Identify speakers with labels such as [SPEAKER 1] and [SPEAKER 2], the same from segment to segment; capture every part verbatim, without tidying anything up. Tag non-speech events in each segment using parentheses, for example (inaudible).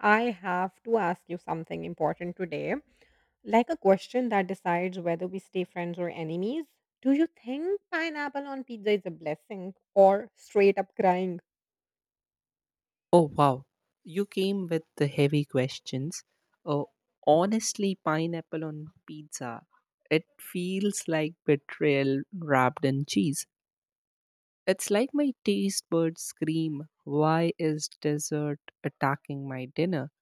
[SPEAKER 1] I have to ask you something important today, like a question that decides whether we stay friends or enemies. Do you think pineapple on pizza is a blessing or straight up crying?
[SPEAKER 2] Oh, wow. You came with the heavy questions. Oh, honestly, pineapple on pizza. It feels like betrayal wrapped in cheese. It's like my taste buds scream, "Why is dessert attacking my dinner?"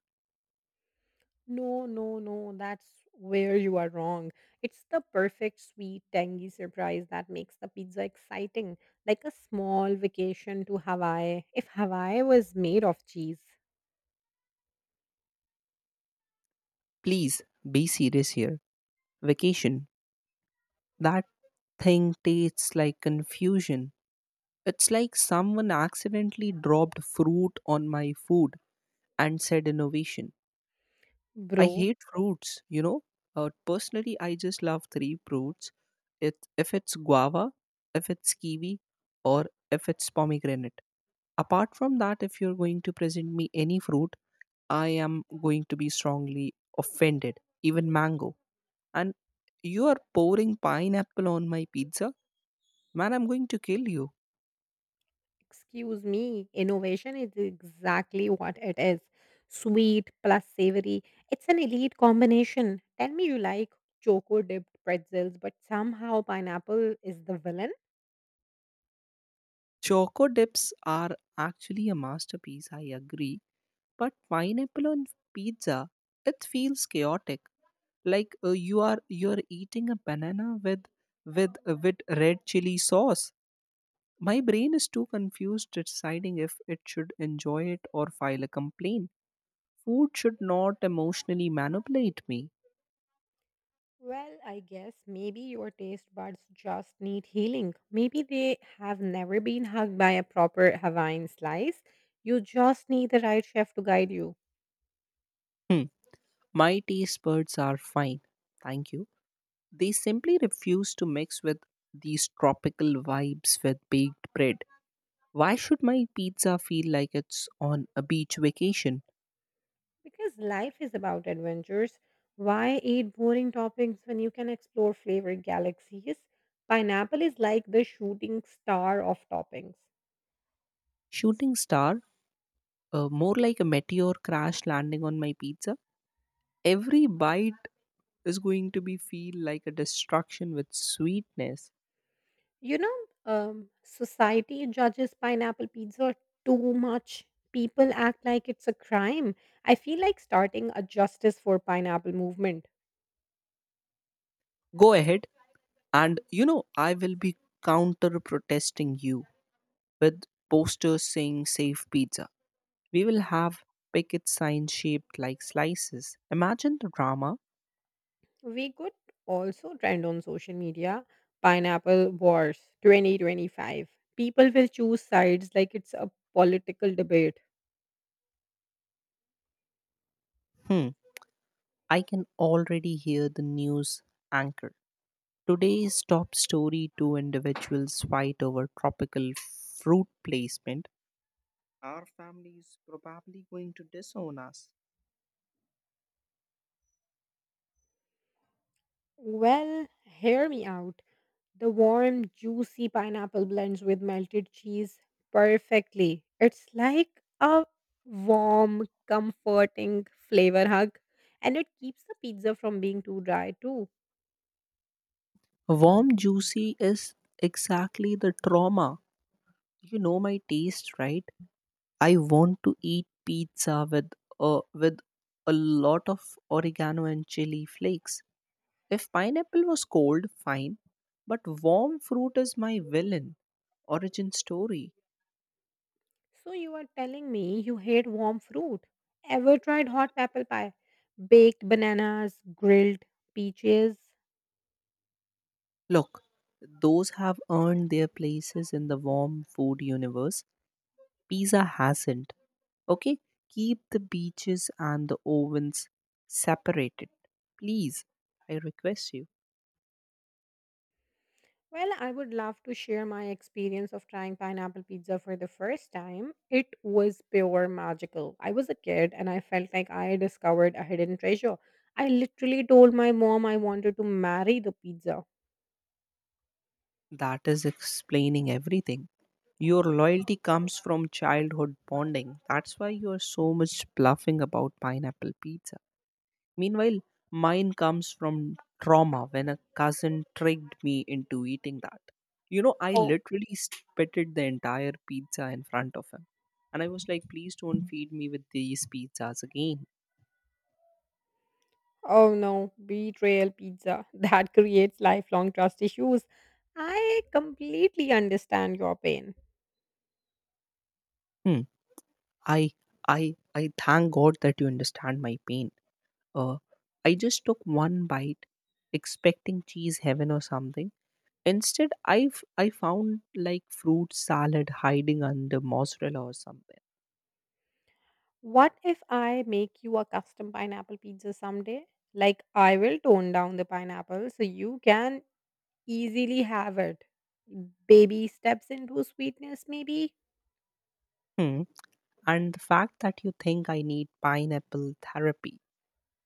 [SPEAKER 1] No, no, no, that's where you are wrong. It's the perfect, sweet, tangy surprise that makes the pizza exciting, like a small vacation to Hawaii, if Hawaii was made of cheese.
[SPEAKER 2] Please be serious here. Vacation. That thing tastes like confusion. It's like someone accidentally dropped fruit on my food and said innovation. I
[SPEAKER 1] Bro,
[SPEAKER 2] hate fruits, you know. Uh, personally, I just love three fruits. It, if it's guava, if it's kiwi, or if it's pomegranate. Apart from that, if you're going to present me any fruit, I am going to be strongly offended. Even mango. And you are pouring pineapple on my pizza? Man, I'm going to kill you.
[SPEAKER 1] excuse me, innovation is exactly what it is, sweet plus savory. It's an elite combination. Tell me you like choco dipped pretzels, but somehow pineapple is the villain?
[SPEAKER 2] Choco dips are actually a masterpiece, I agree. But pineapple on pizza, it feels chaotic like uh, you are you are eating a banana with with uh, with red chili sauce. My brain is too confused deciding if it should enjoy it or file a complaint. Food should not emotionally manipulate me.
[SPEAKER 1] Well, I guess maybe your taste buds just need healing. Maybe they have never been hugged by a proper Hawaiian slice. You just need the right chef to guide you.
[SPEAKER 2] Hmm. My taste buds are fine, thank you. They simply refuse to mix with these tropical vibes with baked bread. Why should my pizza feel like it's on a beach vacation?
[SPEAKER 1] Because life is about adventures. Why eat boring toppings when you can explore flavored galaxies? Pineapple is like the shooting star of toppings.
[SPEAKER 2] Shooting star? Uh, more like a meteor crash landing on my pizza. Every bite is going to be feel like a destruction with sweetness.
[SPEAKER 1] You know, um, Society judges pineapple pizza too much. People act like it's a crime. I feel like starting a justice for pineapple movement.
[SPEAKER 2] Go ahead, and you know I will be counter protesting you with posters saying "Safe Pizza." We will have picket signs shaped like slices. Imagine the drama.
[SPEAKER 1] We could also trend on social media pineapple wars twenty twenty-five. People will choose sides like it's a political debate.
[SPEAKER 2] Hmm. I can already hear the news anchor. Today's top story: two individuals fight over tropical fruit placement. Our family is probably going to disown us.
[SPEAKER 1] Well, hear me out. The warm, juicy pineapple blends with melted cheese perfectly. It's like a warm, comforting flavor hug, and it keeps the pizza from being too dry, too.
[SPEAKER 2] Warm juicy is exactly the trauma. You know my taste, right? I want to eat pizza with uh, with a lot of oregano and chili flakes. If pineapple was cold, fine, but warm fruit is my villain origin story.
[SPEAKER 1] So, you are telling me you hate warm fruit? Ever tried hot apple pie? Baked bananas, grilled peaches?
[SPEAKER 2] Look, those have earned their places in the warm food universe. Pizza hasn't. Okay, keep the beaches and the ovens separated. Please, I request you.
[SPEAKER 1] Well, I would love to share my experience of trying pineapple pizza for the first time. It was pure magical. I was a kid and I felt like I discovered a hidden treasure. I literally told my mom I wanted to marry the pizza.
[SPEAKER 2] That is explaining everything. Your loyalty comes from childhood bonding. That's why you are so much bluffing about pineapple pizza. Meanwhile, mine comes from trauma when a cousin tricked me into eating that. You know, I
[SPEAKER 1] Oh,
[SPEAKER 2] literally spitted the entire pizza in front of him. And I was like, please don't feed me with these pizzas again.
[SPEAKER 1] oh no, betrayal pizza. (laughs) That creates lifelong trust issues. I completely understand your pain.
[SPEAKER 2] Hmm. I I I thank God that you understand my pain. Uh, I just took one bite, expecting cheese heaven or something. Instead, I f- I found like fruit salad hiding under mozzarella or something.
[SPEAKER 1] What if I make you a custom pineapple pizza someday? Like, I will tone down the pineapple so you can easily have it. Baby steps into sweetness, maybe?
[SPEAKER 2] Hmm. And the fact that you think I need pineapple therapy,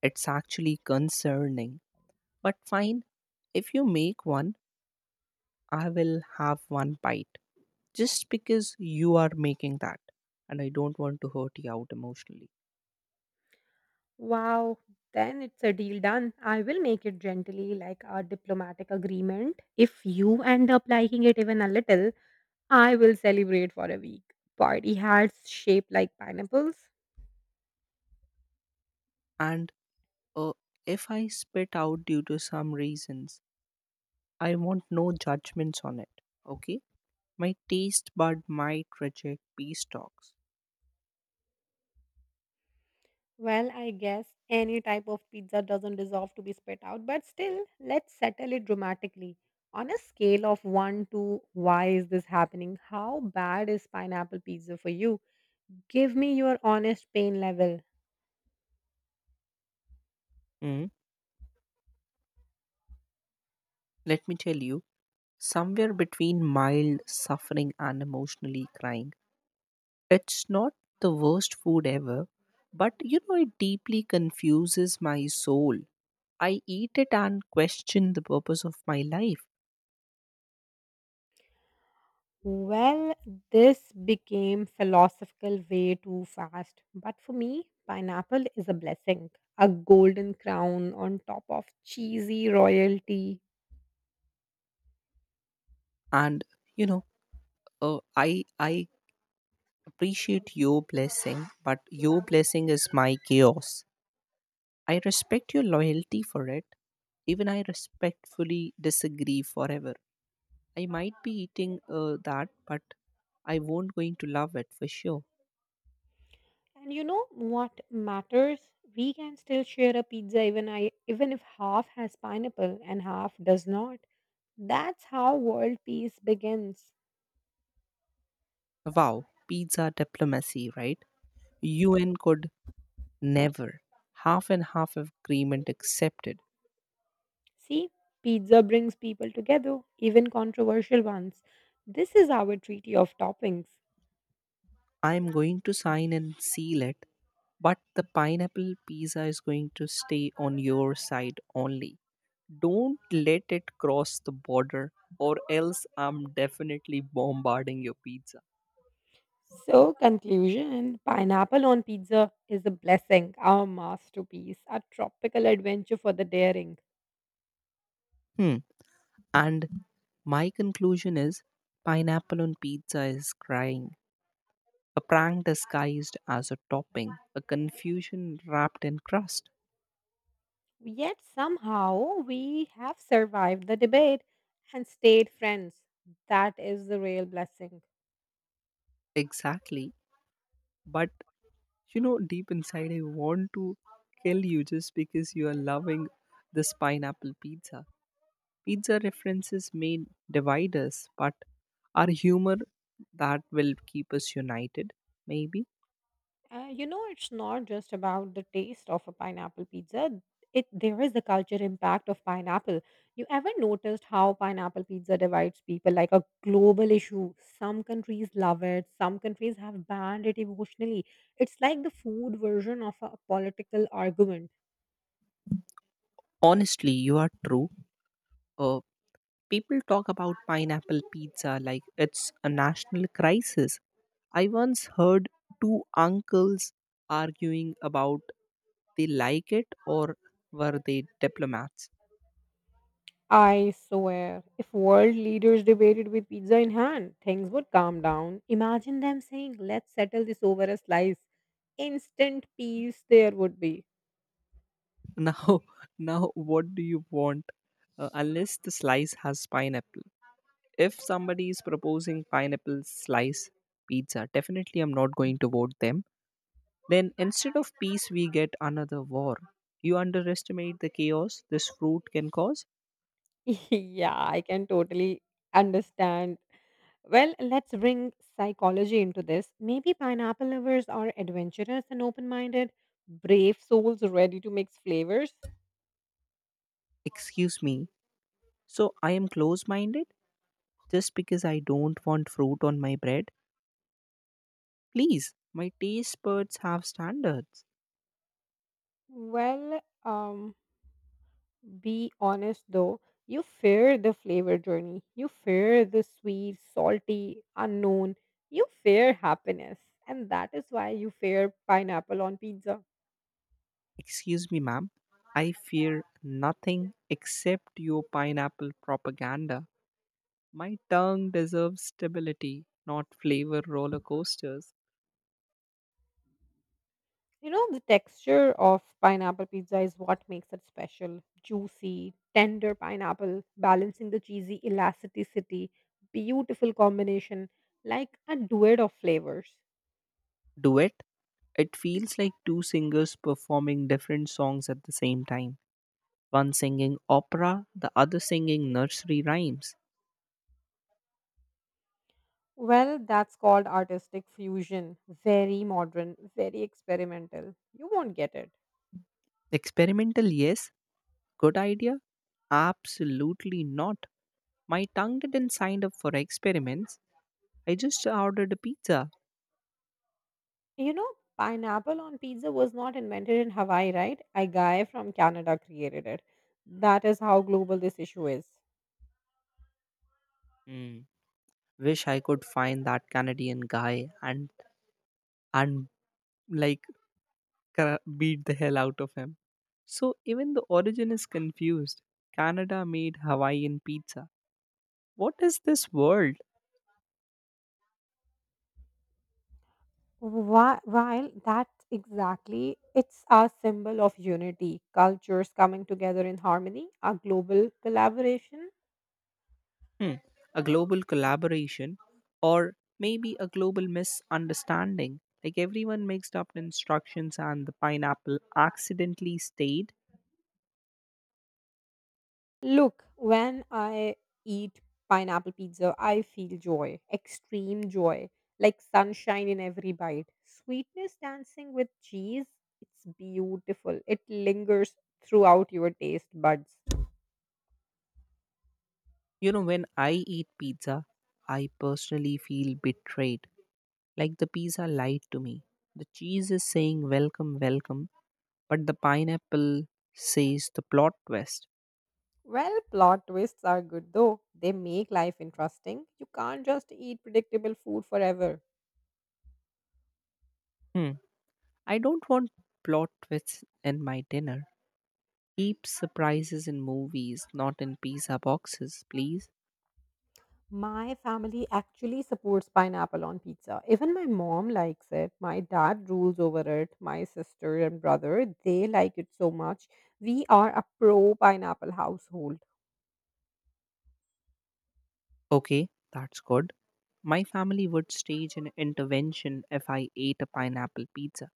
[SPEAKER 2] it's actually concerning. But fine, if you make one, I will have one bite. Just because you are making that, and I don't want to hurt you out emotionally.
[SPEAKER 1] Wow, then it's a deal done. I will make it gently, like a diplomatic agreement. If you end up liking it even a little, I will celebrate for a week. Party hats shaped like pineapples.
[SPEAKER 2] And Uh, if I spit out due to some reasons, I want no judgments on it. Okay? My taste bud might reject peace talks.
[SPEAKER 1] Well, I guess any type of pizza doesn't deserve to be spit out, but still, let's settle it dramatically. On a scale of one to why is this happening? How bad is pineapple pizza for you? Give me your honest pain level.
[SPEAKER 2] Mm. Let me tell you, somewhere between mild suffering and emotionally crying, it's not the worst food ever, but you know, it deeply confuses my soul. I eat it and question the purpose of my life.
[SPEAKER 1] Well, this became philosophical way too fast, but for me, pineapple is a blessing, a golden crown on top of cheesy royalty.
[SPEAKER 2] And you know, uh, I I appreciate your blessing, but your blessing is my chaos. I respect your loyalty for it. Even I respectfully disagree forever. I might be eating uh, that, but I won't going to love it for sure.
[SPEAKER 1] And you know what matters? We can still share a pizza even I even if half has pineapple and half does not. That's how world peace begins.
[SPEAKER 2] Wow, pizza diplomacy, right? U N could never. Half and half agreement accepted.
[SPEAKER 1] See, pizza brings people together, even controversial ones. This is our treaty of toppings.
[SPEAKER 2] I'm going to sign and seal it, but the pineapple pizza is going to stay on your side only. Don't let it cross the border, or else I'm definitely bombarding your pizza.
[SPEAKER 1] So, conclusion pineapple on pizza is a blessing, our masterpiece, a tropical adventure for the daring.
[SPEAKER 2] Hmm. And my conclusion is pineapple on pizza is crying. A prank disguised as a topping, a confusion wrapped in crust.
[SPEAKER 1] Yet somehow we have survived the debate and stayed friends. That is the real blessing.
[SPEAKER 2] Exactly. But you know, deep inside, I want to kill you just because you are loving this pineapple pizza. Pizza references may divide us, but our humor, that will keep us united, maybe.
[SPEAKER 1] Uh, you know, it's not just about the taste of a pineapple pizza. It there is the culture impact of pineapple. You ever noticed how pineapple pizza divides people like a global issue? Some countries love it. Some countries have banned it emotionally. It's like the food version of a political argument.
[SPEAKER 2] Honestly, you are true. Uh, People talk about pineapple pizza like it's a national crisis. I once heard two uncles arguing about they like it or were they diplomats.
[SPEAKER 1] I swear, if world leaders debated with pizza in hand, things would calm down. Imagine them saying, let's settle this over a slice. Instant peace there would be.
[SPEAKER 2] (laughs) now Now what do you want? Uh, unless the slice has pineapple. If somebody is proposing pineapple slice pizza, definitely I'm not going to vote them. Then instead of peace, we get another war. You underestimate the chaos this fruit can cause?
[SPEAKER 1] (laughs) Yeah, I can totally understand. Well, let's bring psychology into this. Maybe pineapple lovers are adventurous and open minded, brave souls ready to mix flavors.
[SPEAKER 2] Excuse me. So I am close minded just because I don't want fruit on my bread? Please, my taste buds have standards.
[SPEAKER 1] Well, um, be honest though, you fear the flavor journey. You fear the sweet, salty, unknown. You fear happiness. And that is why you fear pineapple on pizza.
[SPEAKER 2] Excuse me, ma'am. I fear nothing except your pineapple propaganda. My tongue deserves stability, not flavor roller coasters.
[SPEAKER 1] You know, the texture of pineapple pizza is what makes it special. Juicy, tender pineapple, balancing the cheesy elasticity. Beautiful combination, like a duet of flavors.
[SPEAKER 2] Duet? It feels like two singers performing different songs at the same time. One singing opera, the other singing nursery rhymes.
[SPEAKER 1] Well, that's called artistic fusion. Very modern, very experimental. You won't get it.
[SPEAKER 2] Experimental, yes. Good idea? Absolutely not. My tongue didn't sign up for experiments. I just ordered a pizza.
[SPEAKER 1] You know, pineapple on pizza was not invented in Hawaii, right? A guy from Canada created it. That is how global this issue is.
[SPEAKER 2] Hmm. Wish I could find that Canadian guy and and like cra- beat the hell out of him. So even the origin is confused. Canada made Hawaiian pizza. What is this world?
[SPEAKER 1] Whi- While that exactly, it's a symbol of unity, cultures coming together in harmony, a global collaboration.
[SPEAKER 2] Hmm, a global collaboration or maybe a global misunderstanding like everyone mixed up instructions and the pineapple accidentally stayed.
[SPEAKER 1] Look, when I eat pineapple pizza, I feel joy, extreme joy, like sunshine in every bite. Sweetness dancing with cheese, it's beautiful. It lingers throughout your taste buds.
[SPEAKER 2] You know when I eat pizza, I personally feel betrayed. Like the pizza lied to me. The cheese is saying welcome, welcome, but the pineapple says the plot twist.
[SPEAKER 1] Well, plot twists are good though. They make life interesting. You can't just eat predictable food forever.
[SPEAKER 2] Hmm. I don't want plot twists in my dinner. Keep surprises in movies, not in pizza boxes, please.
[SPEAKER 1] My family actually supports pineapple on pizza. Even my mom likes it. My dad rules over it. My sister and brother, they like it so much. We are a pro pineapple household.
[SPEAKER 2] Okay, that's good. My family would stage an intervention if I ate a pineapple pizza.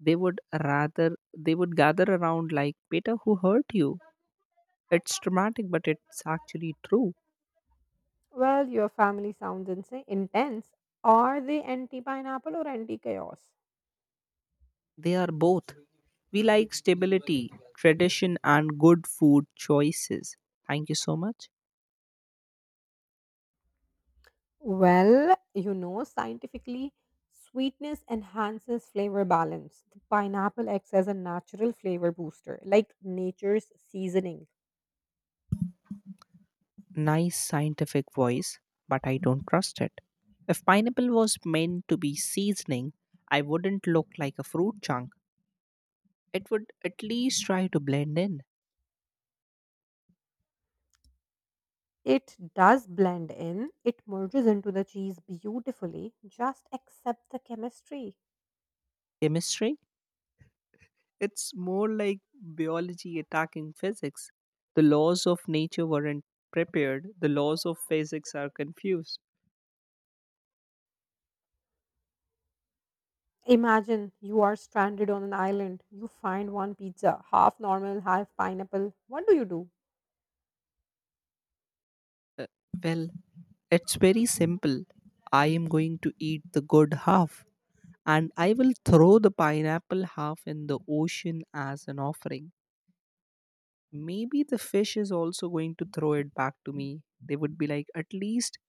[SPEAKER 2] They would rather they would gather around like, "Peter, who hurt you?" It's dramatic, but it's actually true.
[SPEAKER 1] Well, your family sounds insane, intense. Are they anti pineapple or anti chaos?
[SPEAKER 2] They are both. We like stability, tradition, and good food choices. Thank you so much.
[SPEAKER 1] Well, you know, scientifically, sweetness enhances flavor balance. The pineapple acts as a natural flavor booster, like nature's seasoning.
[SPEAKER 2] Nice scientific voice, but I don't trust it. If pineapple was meant to be seasoning, I wouldn't look like a fruit chunk. It would at least try to blend in.
[SPEAKER 1] It does blend in. It merges into the cheese beautifully. Just accept the chemistry.
[SPEAKER 2] Chemistry? It's more like biology attacking physics. The laws of nature weren't prepared, the laws of physics are confused.
[SPEAKER 1] Imagine you are stranded on an island. You find one pizza, half normal, half pineapple. What do you do?
[SPEAKER 2] Uh, well, it's very simple. I am going to eat the good half and I will throw the pineapple half in the ocean as an offering. Maybe the fish is also going to throw it back to me. They would be like, at least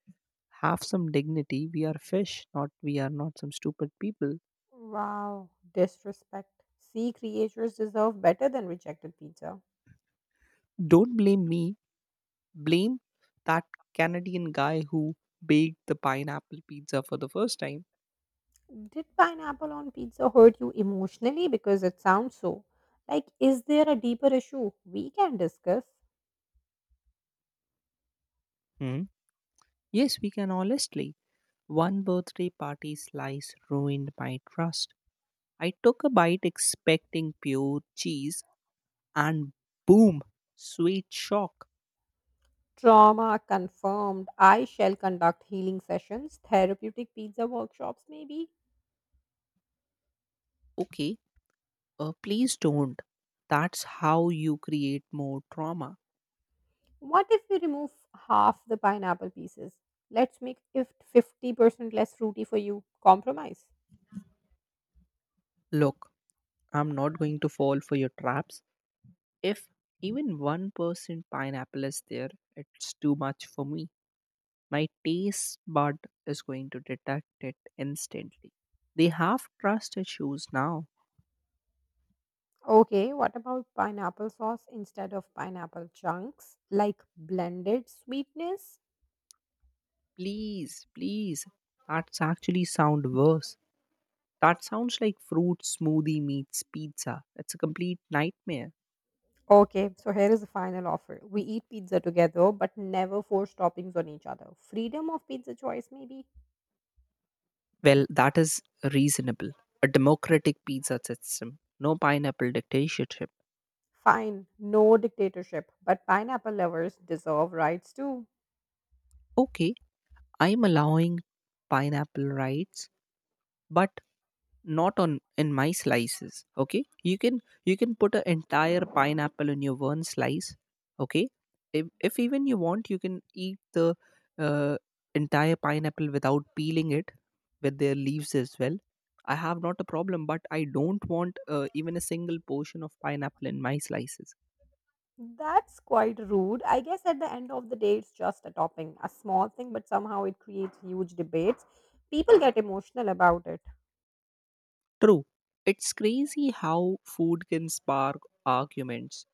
[SPEAKER 2] have some dignity. We are fish, not we are not some stupid people.
[SPEAKER 1] Wow, disrespect. Sea creatures deserve better than rejected pizza.
[SPEAKER 2] Don't blame me. Blame that Canadian guy who baked the pineapple pizza for the first time.
[SPEAKER 1] Did pineapple on pizza hurt you emotionally? Because it sounds so. Like, is there a deeper issue we can discuss?
[SPEAKER 2] Hmm? Yes, we can honestly. One birthday party slice ruined my trust. I took a bite expecting pure cheese and boom, sweet shock.
[SPEAKER 1] Trauma confirmed. I shall conduct healing sessions, therapeutic pizza workshops, maybe.
[SPEAKER 2] Okay, uh, please don't. That's how you create more trauma.
[SPEAKER 1] What if we remove half the pineapple pieces? Let's make it fifty percent less fruity for you. Compromise.
[SPEAKER 2] Look, I'm not going to fall for your traps. If even one percent pineapple is there, it's too much for me. My taste bud is going to detect it instantly. They have trust issues now.
[SPEAKER 1] Okay, what about pineapple sauce instead of pineapple chunks? Like blended sweetness?
[SPEAKER 2] Please, please. That's actually sound worse. That sounds like fruit smoothie meets pizza. It's a complete nightmare.
[SPEAKER 1] Okay, so here is the final offer. We eat pizza together, but never force toppings on each other. Freedom of pizza choice, maybe.
[SPEAKER 2] Well, that is reasonable. A democratic pizza system, no pineapple dictatorship.
[SPEAKER 1] Fine, no dictatorship, but pineapple lovers deserve rights too.
[SPEAKER 2] Okay, I'm allowing pineapple rights, but not on in my slices. Okay, you can you can put an entire pineapple in your one slice. Okay, if, if even you want, you can eat the uh, entire pineapple without peeling it, with their leaves as well. I have not a problem, but I don't want uh, even a single portion of pineapple in my slices.
[SPEAKER 1] That's quite rude. I guess at the end of the day, it's just a topping, a small thing, but somehow it creates huge debates. People get emotional about it.
[SPEAKER 2] True, it's crazy how food can spark arguments,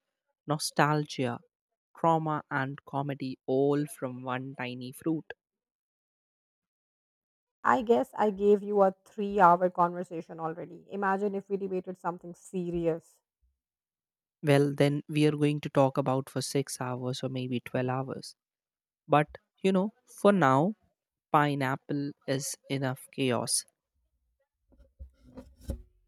[SPEAKER 2] nostalgia, trauma and comedy all from one tiny fruit.
[SPEAKER 1] I guess I gave you a three hour conversation already. Imagine if we debated something serious.
[SPEAKER 2] Well, then we are going to talk about for six hours or maybe twelve hours. But, you know, for now, pineapple is enough chaos.